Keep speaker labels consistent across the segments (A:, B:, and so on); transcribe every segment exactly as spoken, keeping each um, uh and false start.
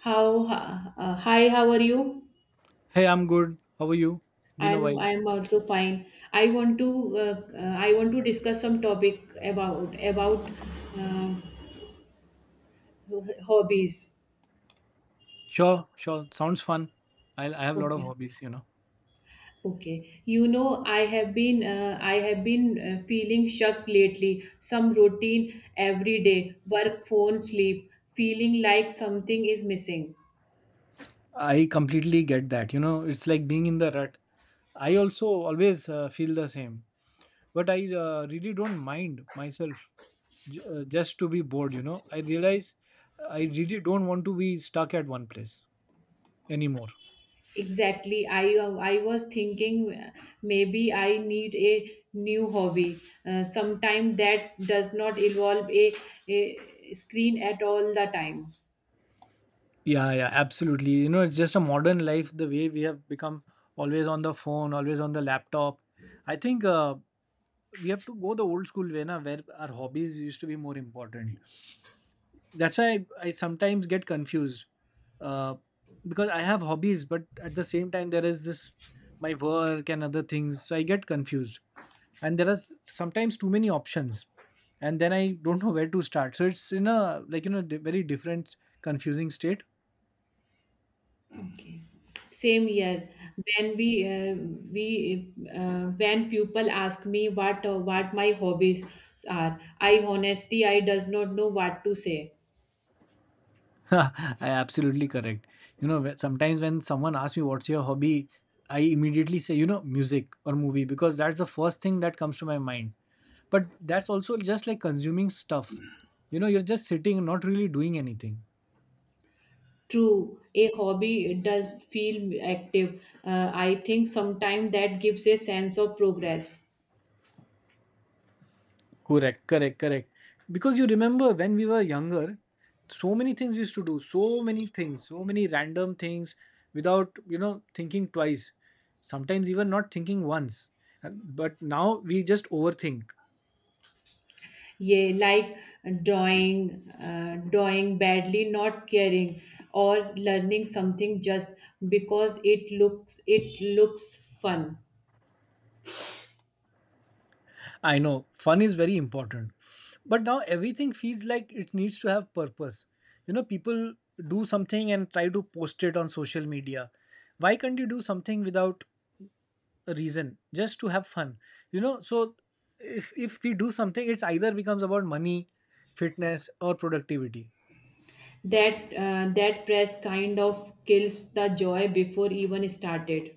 A: How uh, uh, Hi, how are you?
B: Hey, I'm good. How are you? Been a
A: I'm
B: while.
A: I'm also fine. I want to uh, uh, I want to discuss some topic about about uh, hobbies.
B: Sure, sure. Sounds fun. I I have a lot of
A: Okay.
B: hobbies, you know.
A: Okay. You know, I have been uh, I have been uh, feeling shocked lately. Some routine every day, work, phone, sleep, feeling like something is missing.
B: I completely get that. You know, it's like being in the rut. I also always uh, feel the same. But I uh, really don't mind myself j- uh, just to be bored, you know. I realize I really don't want to be stuck at one place anymore.
A: Exactly. I I was thinking uh, maybe I need a new hobby. Uh, sometime that does not involve a, a screen at all the time.
B: Yeah, yeah, absolutely. You know, it's just a modern life, the way we have become always on the phone, always on the laptop. I think uh, we have to go the old school way na, where our hobbies used to be more important. That's why i, I sometimes get confused, uh, because I have hobbies, but at the same time there is this my work and other things, so I get confused. And there are s- sometimes too many options, and then I don't know where to start. So it's in a, like, you know, di- very different confusing state.
A: Okay. Same here. When we uh, we uh, when people ask me what uh, what my hobbies are, I honestly I does not know what to say.
B: Absolutely correct. You know, whe- sometimes when someone asks me what's your hobby, I immediately say, you know, music or movie because that's the first thing that comes to my mind. But that's also just like consuming stuff. You know, you're just sitting, not really doing anything.
A: True, a hobby does feel active. Uh, I think sometimes that gives a sense of progress.
B: Correct, correct, correct. Because you remember when we were younger, so many things we used to do, so many things, so many random things without, you know, thinking twice, sometimes even not thinking once. And- But now we just overthink.
A: Yeah, like drawing uh, drawing badly, not caring, or learning something just because it looks it looks fun.
B: I know fun is very important, but now everything feels like it needs to have purpose. You know, people do something and try to post it on social media. Why can't you do something without a reason, just to have fun? You know, so if if we do something, it's either becomes about money, fitness, or productivity.
A: That uh, that press kind of kills the joy before even started.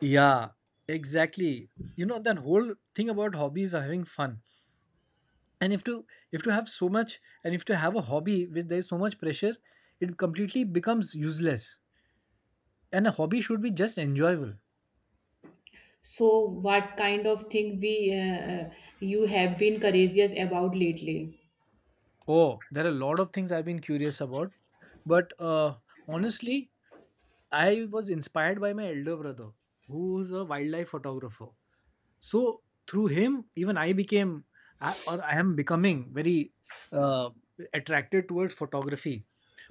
B: Yeah, exactly. You know, that whole thing about hobbies are having fun, and if to if to have so much, and if to have a hobby which there is so much pressure, it completely becomes useless. And a hobby should be just enjoyable.
A: So what kind of thing we uh, uh, you have been courageous about lately?
B: Oh, there are a lot of things I've been curious about, but uh, honestly, I was inspired by my elder brother, who's a wildlife photographer. So through him, even i became I- or I am becoming very uh, attracted towards photography,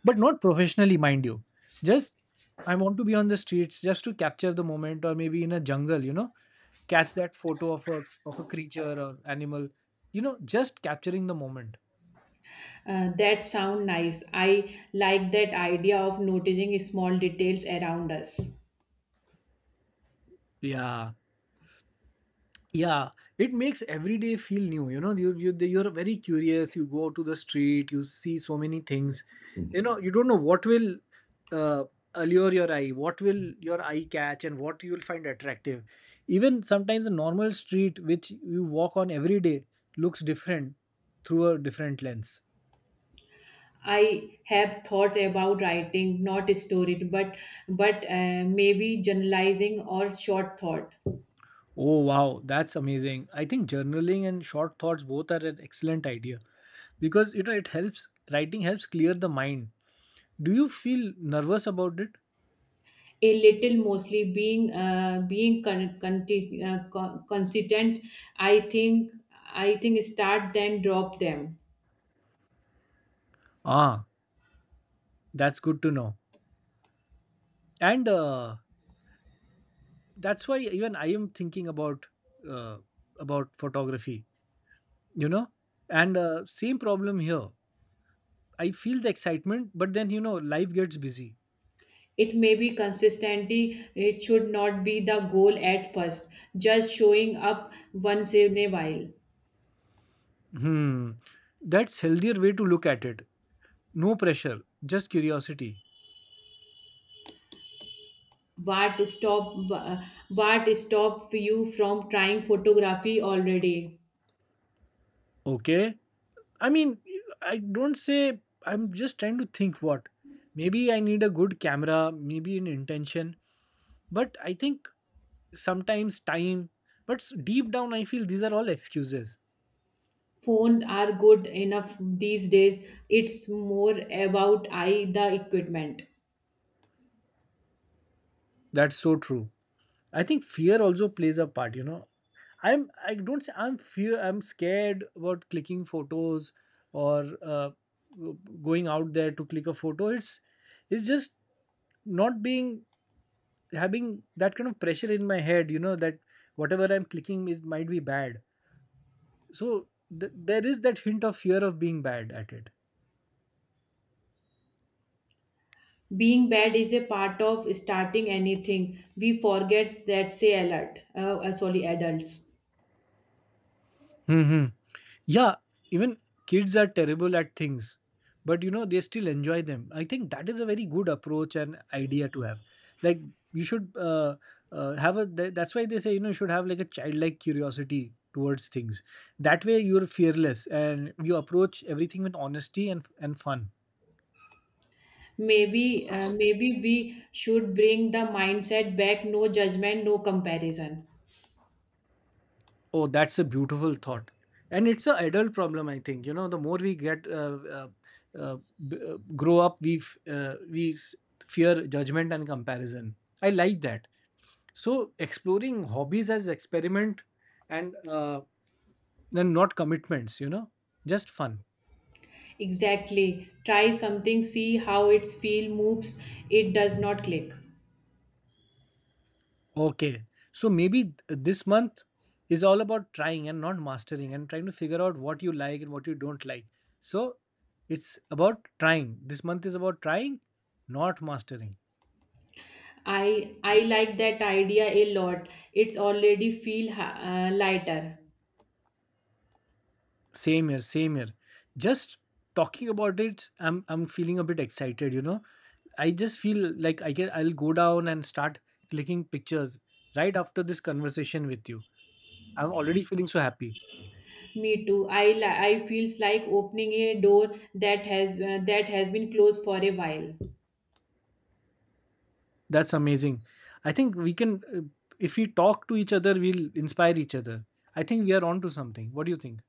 B: but not professionally, mind you. Just I want to be on the streets just to capture the moment, or maybe in a jungle, you know, catch that photo of a of a creature or animal, you know, just capturing the moment.
A: uh, That sound nice. I like that idea of noticing small details around us.
B: Yeah, yeah, it makes every day feel new. You know, you you you're very curious. You go to the street, you see so many things. You know, you don't know what will uh, allure your eye, what will your eye catch, and what you will find attractive. Even sometimes a normal street which you walk on every day looks different through a different lens.
A: I have thought about writing, not storied, but but uh, maybe generalizing or short thought.
B: Oh wow, that's amazing. I think journaling and short thoughts both are an excellent idea, because you know, it helps, writing helps clear the mind. Do you feel nervous about it?
A: A little, mostly being uh, being con- conti- uh, co- consistent. I think I think start then drop them.
B: Ah, that's good to know. And uh, that's why even I am thinking about, uh, about photography, you know. And uh, same problem here. I feel the excitement, but then you know, life gets busy.
A: It may be consistency. It should not be the goal at first. Just showing up once in a while.
B: Hmm, that's healthier way to look at it. No pressure, just curiosity.
A: What stop uh, what stop you from trying photography already?
B: Okay. I mean, I don't say. I'm just trying to think what. Maybe I need a good camera. Maybe an intention. But I think sometimes time, but deep down I feel these are all excuses.
A: Phones are good enough these days. It's more about I the equipment.
B: That's so true. I think fear also plays a part, you know. I'm i don't say I'm fear, I'm scared about clicking photos, or uh, going out there to click a photo. It's it's just not being, having that kind of pressure in my head, you know, that whatever I'm clicking is might be bad. So th- there is that hint of fear of being bad at it.
A: Being bad is a part of starting anything. We forget that, say alert, uh, uh, sorry, adults.
B: Hmm. Yeah, even kids are terrible at things, but you know, they still enjoy them. I think that is a very good approach and idea to have. Like, you should uh, uh, have a, th- that's why they say, you know, you should have like a childlike curiosity towards things. That way, you're fearless and you approach everything with honesty and, and fun.
A: Maybe uh, maybe we should bring the mindset back, no judgment, no comparison.
B: Oh, that's a beautiful thought. And it's a adult problem, I think. You know, the more we get uh, uh, uh, b- uh, grow up, we f- uh, we s- fear judgment and comparison. I like that. So, exploring hobbies as experiment, and uh, then not commitments, you know, just fun.
A: Exactly, try something, see how its feel moves, it does not click.
B: Okay. So maybe th- this month is all about trying and not mastering, and trying to figure out what you like and what you don't like. So it's about trying. This month is about trying, not mastering.
A: I i like that idea a lot. It's already feel ha- uh, lighter.
B: Same here, same here. Just talking about it, I'm I'm feeling a bit excited, you know. I just feel like I can I'll go down and start clicking pictures right after this conversation with you. I'm already feeling so happy.
A: Me too. I li- I feels like opening a door that has uh, that has been closed for a while.
B: That's amazing. I think we can, uh, if we talk to each other, we'll inspire each other. I think we are on to something. What do you think?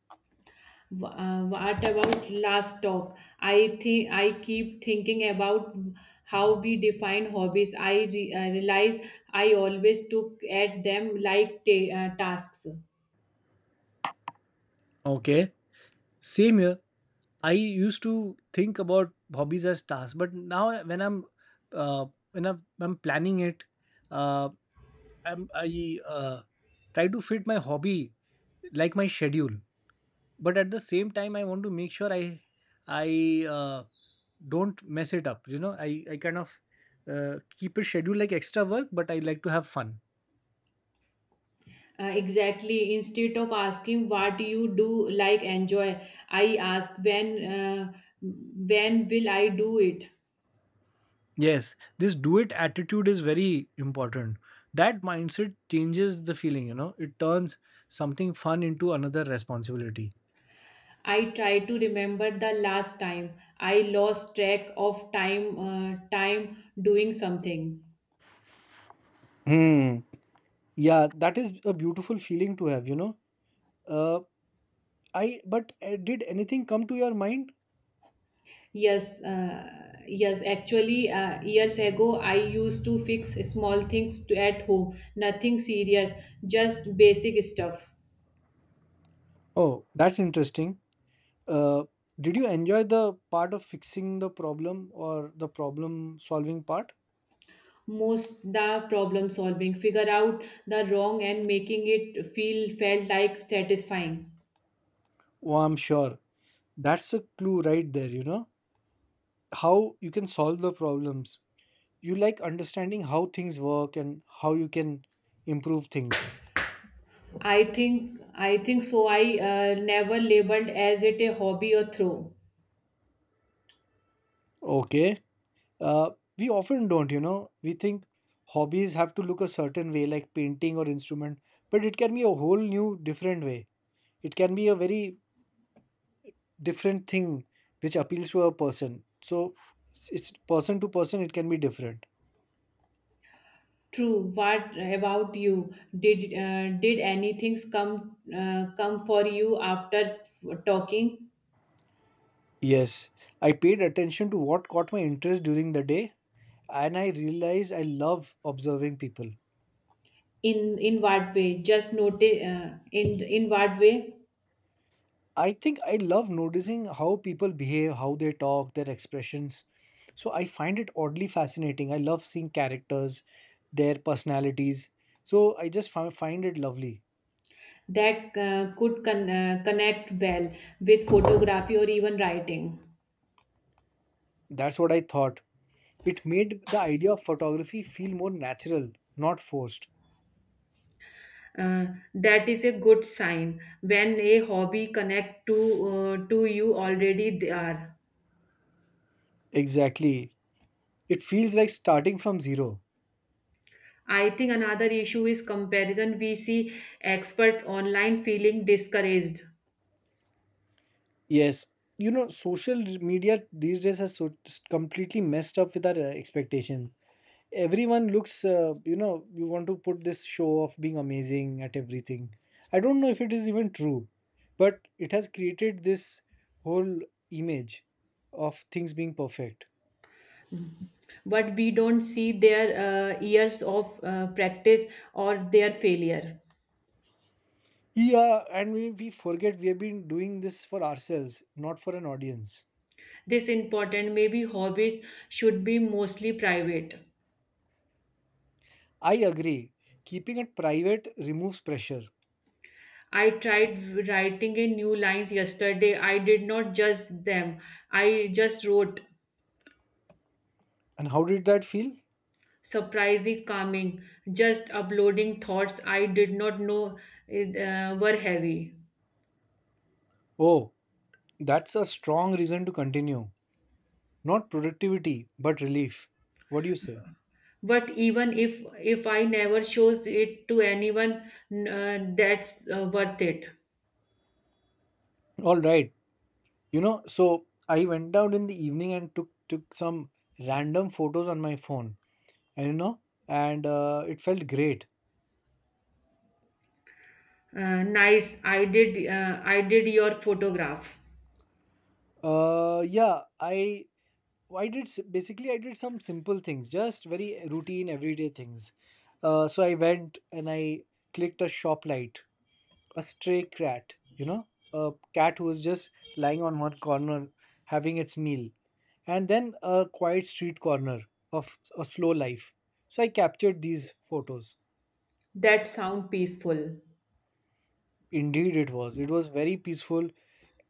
A: W- Uh, what about last talk? I think I keep thinking about how we define hobbies. I re- uh, realize I always took at them like ta- uh, tasks.
B: Okay, same here. I used to think about hobbies as tasks, but now when I'm uh, when I'm, I'm planning it, uh, I'm, I uh, try to fit my hobby like my schedule, but at the same time, I want to make sure I I uh, don't mess it up. You know, I I kind of uh, keep a schedule like extra work, but I like to have fun.
A: Uh, exactly. Instead of asking what do you do like enjoy, I ask when uh, when will I do it.
B: Yes, this do it attitude is very important. That mindset changes the feeling. You know, it turns something fun into another responsibility.
A: I try to remember the last time I lost track of time uh, time doing something.
B: Hmm. Yeah, that is a beautiful feeling to have, you know. Uh, I but uh, did anything come to your mind?
A: Yes, uh, yes. Actually, uh, years ago, I used to fix small things to, at home. Nothing serious, just basic stuff.
B: Oh, that's interesting. Uh, did you enjoy the part of fixing the problem, or the problem solving part?
A: Most the problem solving, figure out the wrong and making it feel felt like satisfying.
B: Oh, I'm sure. That's a clue right there, you know? How you can solve the problems. You like understanding how things work and how you can improve things.
A: I think I think so. I uh, never labeled as it a hobby or throw.
B: Okay. Uh, we often don't, you know? We think hobbies have to look a certain way, like painting or instrument, but it can be a whole new different way. It can be a very different thing which appeals to a person. So it's person to person, it can be different.
A: True. What about you? Did uh, did anything come uh, come for you after talking?
B: Yes, I paid attention to what caught my interest during the day, and I realized I love observing people.
A: In in what way? Just notice uh, in in what way?
B: I think I love noticing how people behave, how they talk, their expressions. So I find it oddly fascinating. I love seeing characters, their personalities. So I just fi- find it lovely.
A: That uh, could con- uh, connect well with photography or even writing.
B: That's what I thought. It made the idea of photography feel more natural, not forced.
A: Uh, that is a good sign when a hobby connect to uh, to you already they are.
B: Exactly. It feels like starting from zero.
A: I think another issue is comparison. We see experts online feeling discouraged.
B: Yes. You know, social media these days has so completely messed up with our uh, expectation. Everyone looks, uh, you know, you want to put this show of being amazing at everything. I don't know if it is even true, but it has created this whole image of things being perfect.
A: But we don't see their uh, years of uh, practice or their failure.
B: Yeah, and we, we forget we have been doing this for ourselves, not for an audience.
A: This important, maybe hobbies should be mostly private.
B: I agree. Keeping it private removes pressure.
A: I tried writing a new lines yesterday. I did not judge them. I just wrote
B: And how did that feel?
A: surprising calming, just uploading thoughts I did not know uh, were heavy.
B: Oh, that's a strong reason to continue. Not productivity, but relief. What do you say?
A: But even if if I never shows it to anyone, n- uh, that's uh, worth it.
B: All right. You know, so I went out in the evening and took took some random photos on my phone. And you know, and uh, it felt great.
A: Uh, nice. I did. Uh, I did your photograph.
B: Uh, yeah, I I did s- basically I did some simple things, just very routine everyday things. Uh, so I went and I clicked a shop light, a stray cat, you know, a cat who was just lying on one corner having its meal, and then a quiet street corner of a slow life. So I captured these photos.
A: That sound peaceful.
B: Indeed, it was. It was very peaceful.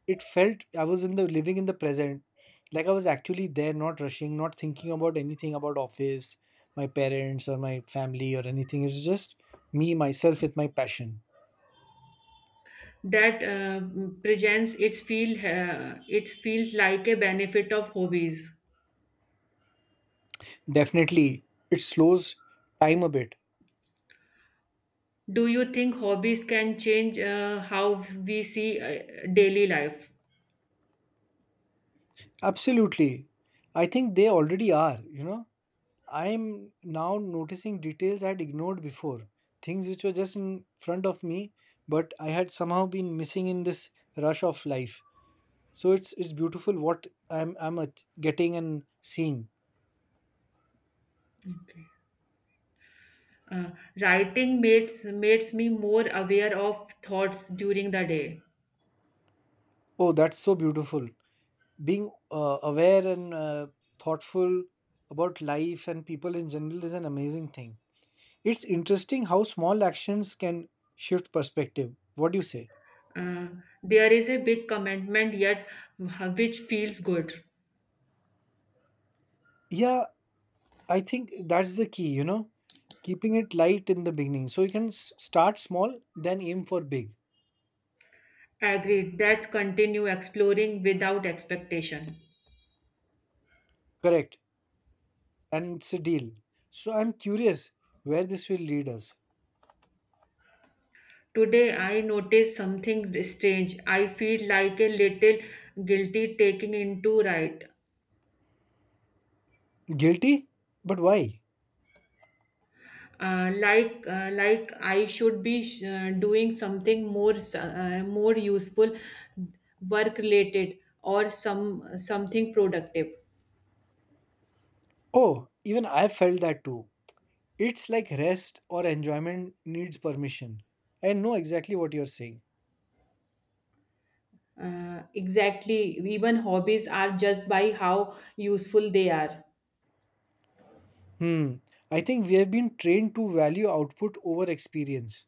B: It felt I was in the, living in the present, like I was actually there, not rushing, not thinking about anything, about office, my parents, or my family, or anything. It's just me, myself, with my passion.
A: That uh, presents it feel. Uh, it feels like a benefit of hobbies.
B: Definitely, it slows time a bit.
A: Do you think hobbies can change uh, how we see uh, daily life?
B: Absolutely. I think they already are, you know. I'm now noticing details I had ignored before, things which were just in front of me, but I had somehow been missing in this rush of life. So it's it's beautiful what I'm I'm at- getting and seeing.
A: Okay. Uh, Writing makes makes me more aware of thoughts during the day.
B: Oh, that's so beautiful. Being uh, aware and uh, thoughtful about life and people in general is an amazing thing. It's interesting how small actions can shift perspective. What do you say?
A: Uh, there is a big commitment, yet uh, which feels good.
B: Yeah, I think that's the key, you know, keeping it light in the beginning. So you can s- start small, then aim for big.
A: Agreed. Let's continue exploring without expectation.
B: Correct. And it's a deal. So I'm curious where this will lead us.
A: Today I noticed something strange. I feel like a little guilty taking into right.
B: Guilty? But why?
A: Uh, like uh, like I should be uh, doing something more uh, more useful, work related or some something productive.
B: Oh, even I felt that too. It's like rest or enjoyment needs permission. I know exactly what you're saying.
A: Uh, exactly. Even hobbies are just by how useful they are.
B: Hmm. I think we have been trained to value output over experience.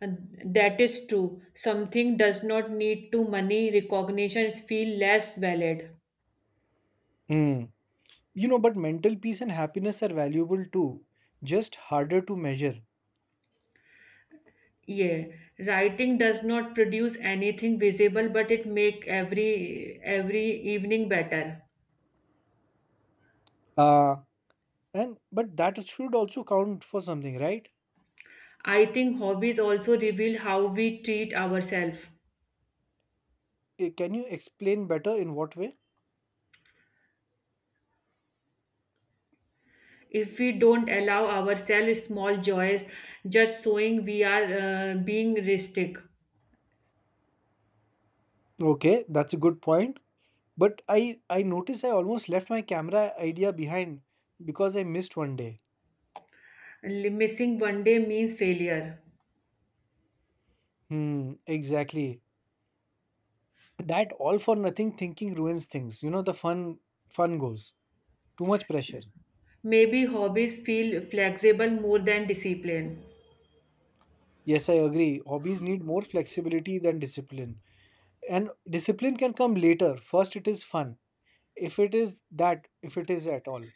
A: And that is true. Something does not need to money recognitions feel less valid.
B: Hmm. You know, but mental peace and happiness are valuable too, just harder to measure.
A: Yeah, writing does not produce anything visible, but it make every every evening better.
B: Uh, and but that should also count for something, right?
A: I think hobbies also reveal how we treat ourselves.
B: Eh, Can you explain better in what way?
A: If we don't allow ourselves small joys, just showing we are uh, being realistic.
B: Okay, that's a good point. But I I noticed I almost left my camera idea behind because I missed one day.
A: Li- Missing one day means failure.
B: Hmm, exactly. That all for nothing thinking ruins things. You know, the fun fun goes. Too much pressure.
A: Maybe hobbies feel flexible more than discipline.
B: Yes, I agree. Hobbies need more flexibility than discipline. And discipline can come later. First it is fun. If it is that, if it is at all.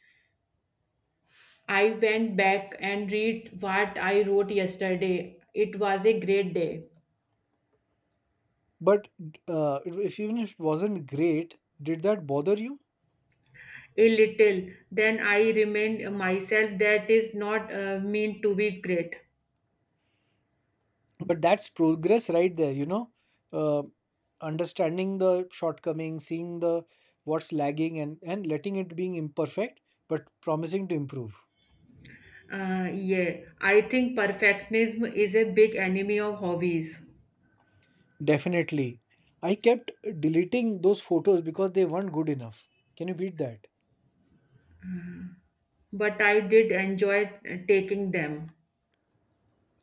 A: I went back and read what I wrote yesterday. It was a great day.
B: But uh, it- if even if it wasn't great, did that bother you?
A: A little. Then I remind myself that is not uh, meant to be great.
B: But that's progress right there, you know. Uh, Understanding the shortcomings, seeing the what's lagging, and and letting it being imperfect, but promising to improve.
A: Uh, yeah, I think perfectionism is a big enemy of hobbies,
B: Definitely, I kept deleting those photos because they weren't good enough. Can you beat that?
A: but I did enjoy uh, taking them.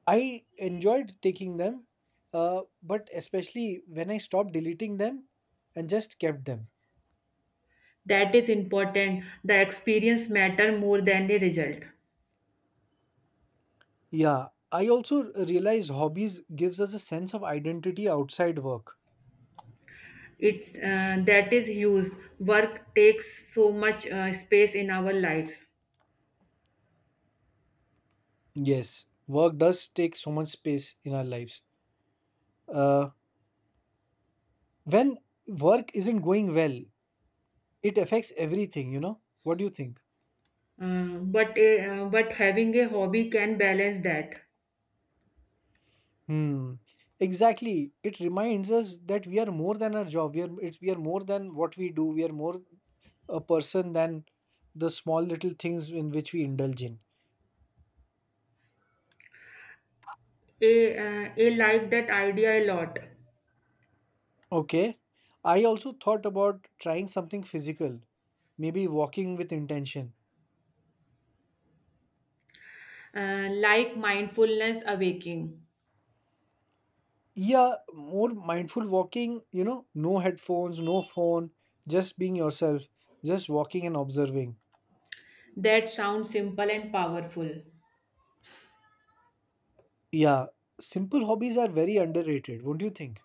B: I enjoyed taking them, uh, but especially when I stopped deleting them and just kept them.
A: That is important. The experience matter more than the result.
B: Yeah, I also realized hobbies gives us a sense of identity outside work.
A: It's uh, That is huge. Work takes so much uh, space in our lives.
B: Yes, work does take so much space in our lives. Uh, when work isn't going well, it affects everything, you know? What do you think?
A: Uh, but a, uh, but having a hobby can balance that.
B: Hmm. Exactly. It reminds us that we are more than our job. We are it's, we are more than what we do. We are more a person than the small little things in which we indulge in.
A: A, uh, a Like that idea a lot.
B: Okay. I also thought about trying something physical, maybe walking with intention.
A: Uh, like mindfulness awaking.
B: Yeah, more mindful walking, you know, no headphones, no phone, just being yourself, just walking and observing.
A: That sounds simple and powerful.
B: Yeah, simple hobbies are very underrated, won't you think?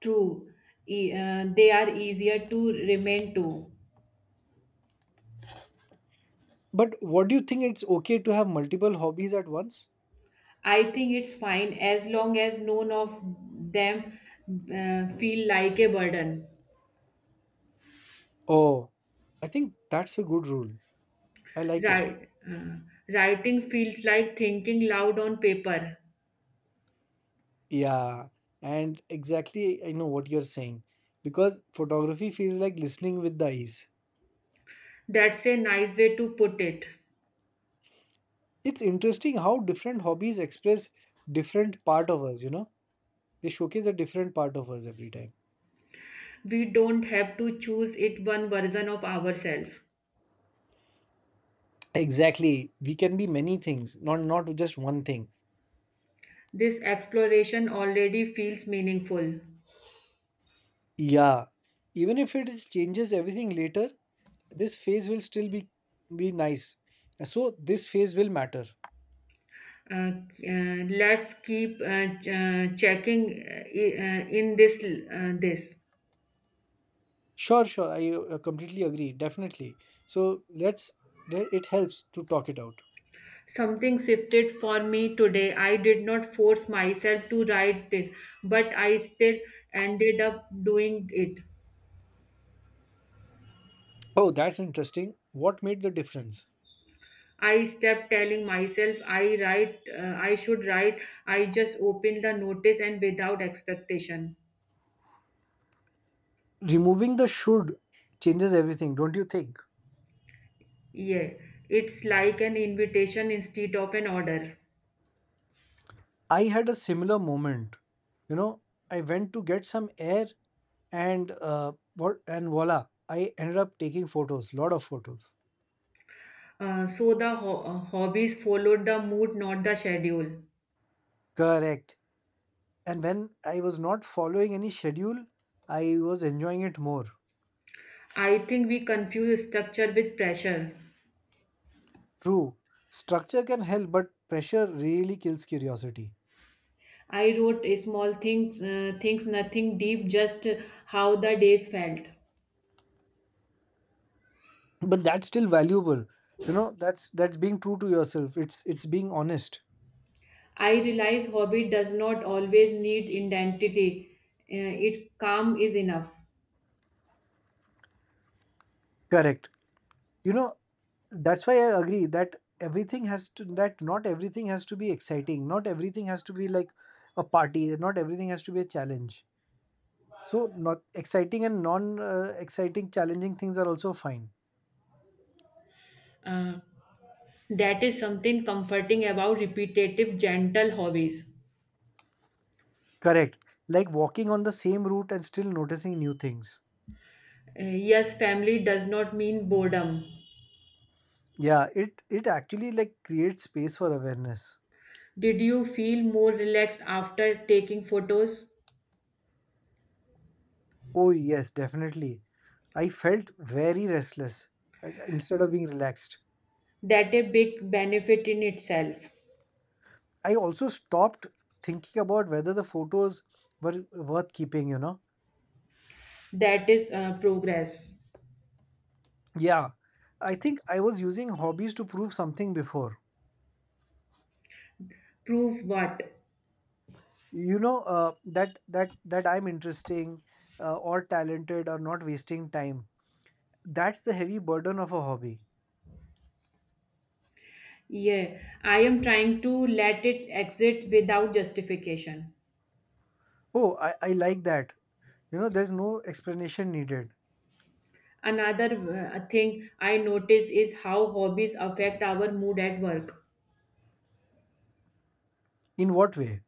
A: True, E- uh, they are easier to remain to.
B: But what do you think it's okay to have multiple hobbies at once?
A: I think it's fine as long as none of them uh, feel like a burden.
B: Oh, I think that's a good rule. I like it.
A: Right, uh, writing feels like thinking loud on paper.
B: Yeah, and exactly, I know what you're saying because photography feels like listening with the eyes.
A: That's a nice way to put it.
B: It's interesting how different hobbies express different part of us, you know? They showcase a different part of us every time.
A: We don't have to choose it one version of ourselves.
B: Exactly. We can be many things, not not just one thing.
A: This exploration already feels meaningful.
B: Yeah. Even if it is changes everything later, this phase will still be be nice. So this phase will matter.
A: Uh, uh, let's keep uh, ch- uh, checking uh, i- uh, in this uh, this
B: Sure, sure. I uh, completely agree. Definitely. So let's, le- it helps to talk it out.
A: Something shifted for me today. I did not force myself to write it, but I still ended up doing it.
B: Oh, that's interesting. What made the difference?
A: I stopped telling myself i write uh, i should write. I just opened the notice and without expectation.
B: Removing the should changes everything, don't you think?
A: Yeah, it's like an invitation instead of an order.
B: I had a similar moment. You know, I went to get some air and uh, what and voila, I ended up taking photos, lot of photos.
A: Uh, so the ho- uh, hobbies followed the mood, not the schedule.
B: Correct. And when I was not following any schedule, I was enjoying it more.
A: I think we confuse structure with pressure.
B: True, structure can help, but pressure really kills curiosity.
A: I wrote a small things, uh, things nothing deep, just how the days felt.
B: But that's still valuable. You know, that's that's being true to yourself. It's it's being honest.
A: I realize hobby does not always need identity. Uh, it calm is enough.
B: Correct. You know, that's why I agree that everything has to that not everything has to be exciting. Not everything has to be like a party. Not everything has to be a challenge. So not exciting and non uh, exciting challenging things are also fine.
A: Uh, that is something comforting about repetitive, gentle hobbies.
B: Correct. Like walking on the same route and still noticing new things.
A: Uh, yes, family does not mean boredom.
B: Yeah, it it actually like creates space for awareness.
A: Did you feel more relaxed after taking photos?
B: Oh yes, definitely. I felt very restless and- instead of being relaxed.
A: That a big benefit in itself.
B: I also stopped thinking about whether the photos were worth keeping, you know.
A: That is uh, progress.
B: Yeah. I think I was using hobbies to prove something before.
A: Prove what?
B: You know, uh, that that that I'm interesting uh, or talented or not wasting time. That's the heavy burden of a hobby.
A: Yeah, I am trying to let it exit without justification.
B: Oh, I, I like that. You know, there's no explanation needed.
A: Another uh, thing I noticed is how hobbies affect our mood at work.
B: In what way?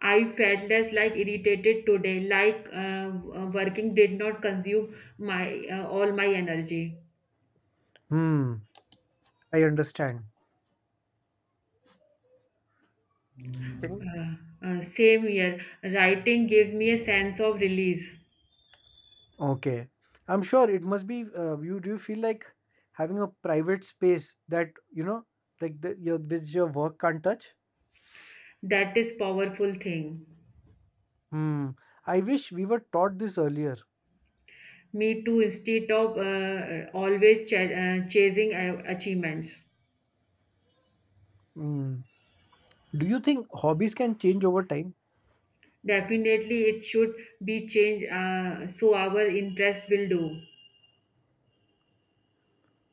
A: I felt less like irritated today, like uh, uh, working did not consume my uh, all my energy.
B: Hmm, I understand. Can you?
A: Uh, uh, same here. Writing gave me a sense of release.
B: Okay. I'm sure it must be uh, you do you feel like having a private space that you know like the, your which your work can't touch?
A: That is powerful thing.
B: Hmm. I wish we were taught this earlier.
A: Me too. Instead of uh, always ch- uh, chasing uh, achievements,
B: Hmm. Do you think hobbies can change over time?
A: definitely it should be changed. Uh, so our interest will do.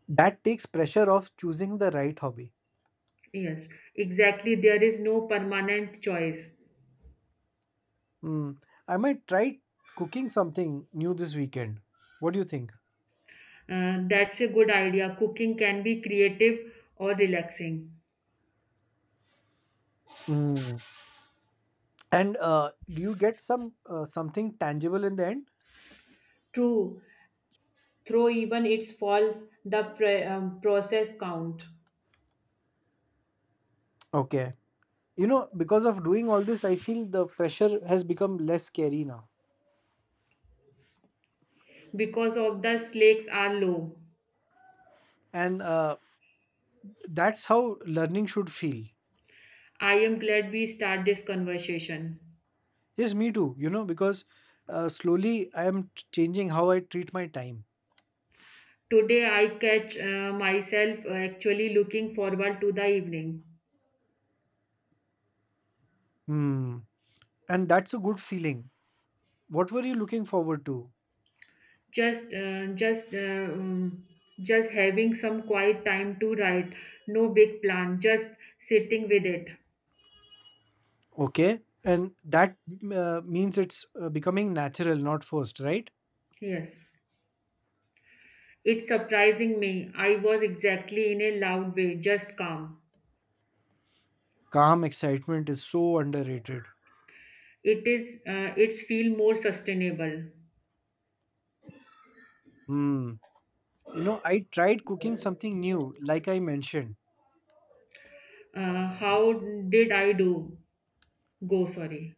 B: That takes pressure off choosing the right hobby.
A: Yes, exactly. There is no permanent choice.
B: Hmm. I might try cooking something new this weekend. What do you think?
A: Uh, that's a good idea. Cooking can be creative or relaxing.
B: Hmm. And uh, do you get some uh, something tangible in the end?
A: True. Through even its faults, the pre- um, process count.
B: Okay. You know, because of doing all this I feel the pressure has become less scary now,
A: Because of the slakes are low.
B: and uh, that's how learning should feel.
A: I am glad we start this conversation.
B: Yes, me too, you know, because uh, slowly I am t- changing how I treat my time.
A: Today I catch uh, myself uh, actually looking forward to the evening.
B: Hmm. And that's a good feeling. What were you looking forward to?
A: Just uh, just uh, um, just having some quiet time to write. No big plan, just sitting with it.
B: Okay. And that uh, means it's uh, becoming natural, not forced, right?
A: Yes. It's surprising me. I was exactly in a loud way, just calm.
B: Calm excitement is so underrated.
A: It is uh, it's feel more sustainable.
B: Hmm. You know, I tried cooking something new, like I mentioned.
A: Uh, how did I do? Go sorry.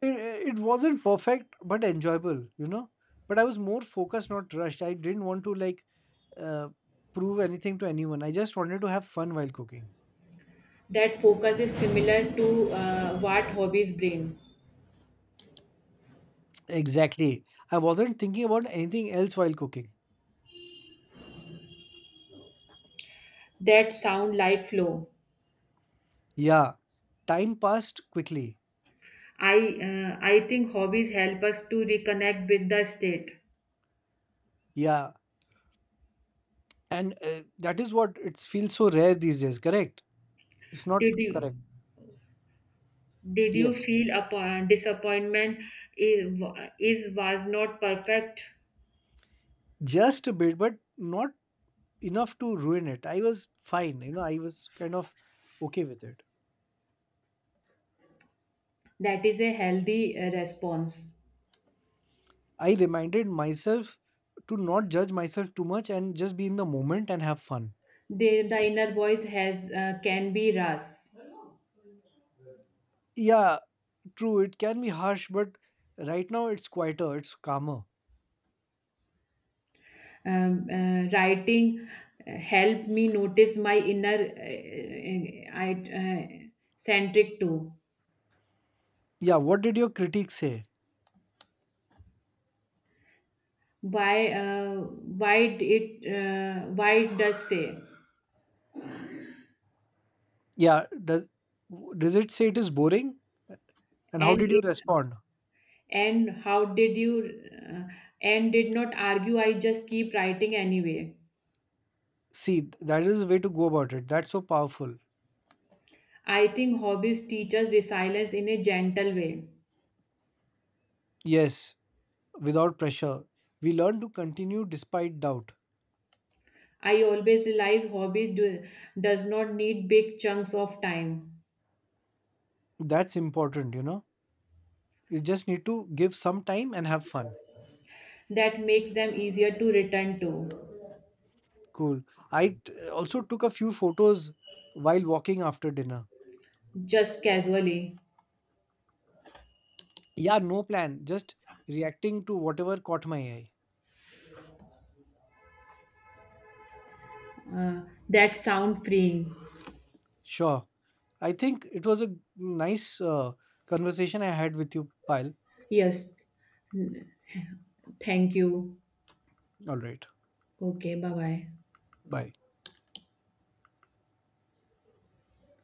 B: it, it wasn't perfect, but enjoyable, you know. But I was more focused, not rushed. I didn't want to like uh, prove anything to anyone. I just wanted to have fun while cooking.
A: That focus is similar to uh, what hobbies bring.
B: Exactly. I wasn't thinking about anything else while cooking.
A: That sound like flow.
B: Yeah, time passed quickly.
A: I uh, i think hobbies help us to reconnect with the state.
B: Yeah, and uh, that is what it feels so rare these days, correct? It's not
A: did you
B: correct.
A: did you
B: Yes.
A: feel upon disappointment? Is, is was not perfect?
B: Just a bit, but not enough to ruin it. I was fine, you know. I was kind of okay with it.
A: That is a healthy uh, response.
B: I reminded myself to not judge myself too much and just be in the moment and have fun.
A: The, the inner voice has uh, can be ras.
B: Yeah, true, it can be harsh, but right now it's quieter, it's calmer.
A: Um, uh, writing uh, helped me notice my inner uh, uh, I, uh, centric too.
B: Yeah, what did your critique say?
A: Why uh, why d- it uh, why it does say?
B: Yeah, does does it say it is boring? And how
A: and
B: did you
A: it
B: respond?
A: and how did you uh, and did not argue. I just keep writing anyway.
B: See, that is the way to go about it. That's so powerful.
A: I think hobbies teach us resilience in a gentle way.
B: Yes, without pressure. We learn to continue despite doubt.
A: I always realize hobbies do, does not need big chunks of time.
B: That's important, you know. You just need to give some time and have fun.
A: That makes them easier to return to.
B: Cool. I t- also took a few photos while walking after dinner.
A: Just casually.
B: Yeah, no plan, just reacting to whatever caught my eye.
A: uh, that sound freeing.
B: Sure. I think it was a nice uh, conversation I had with you, Pyle.
A: Yes, thank you.
B: All right.
A: Okay, bye bye.
B: Bye.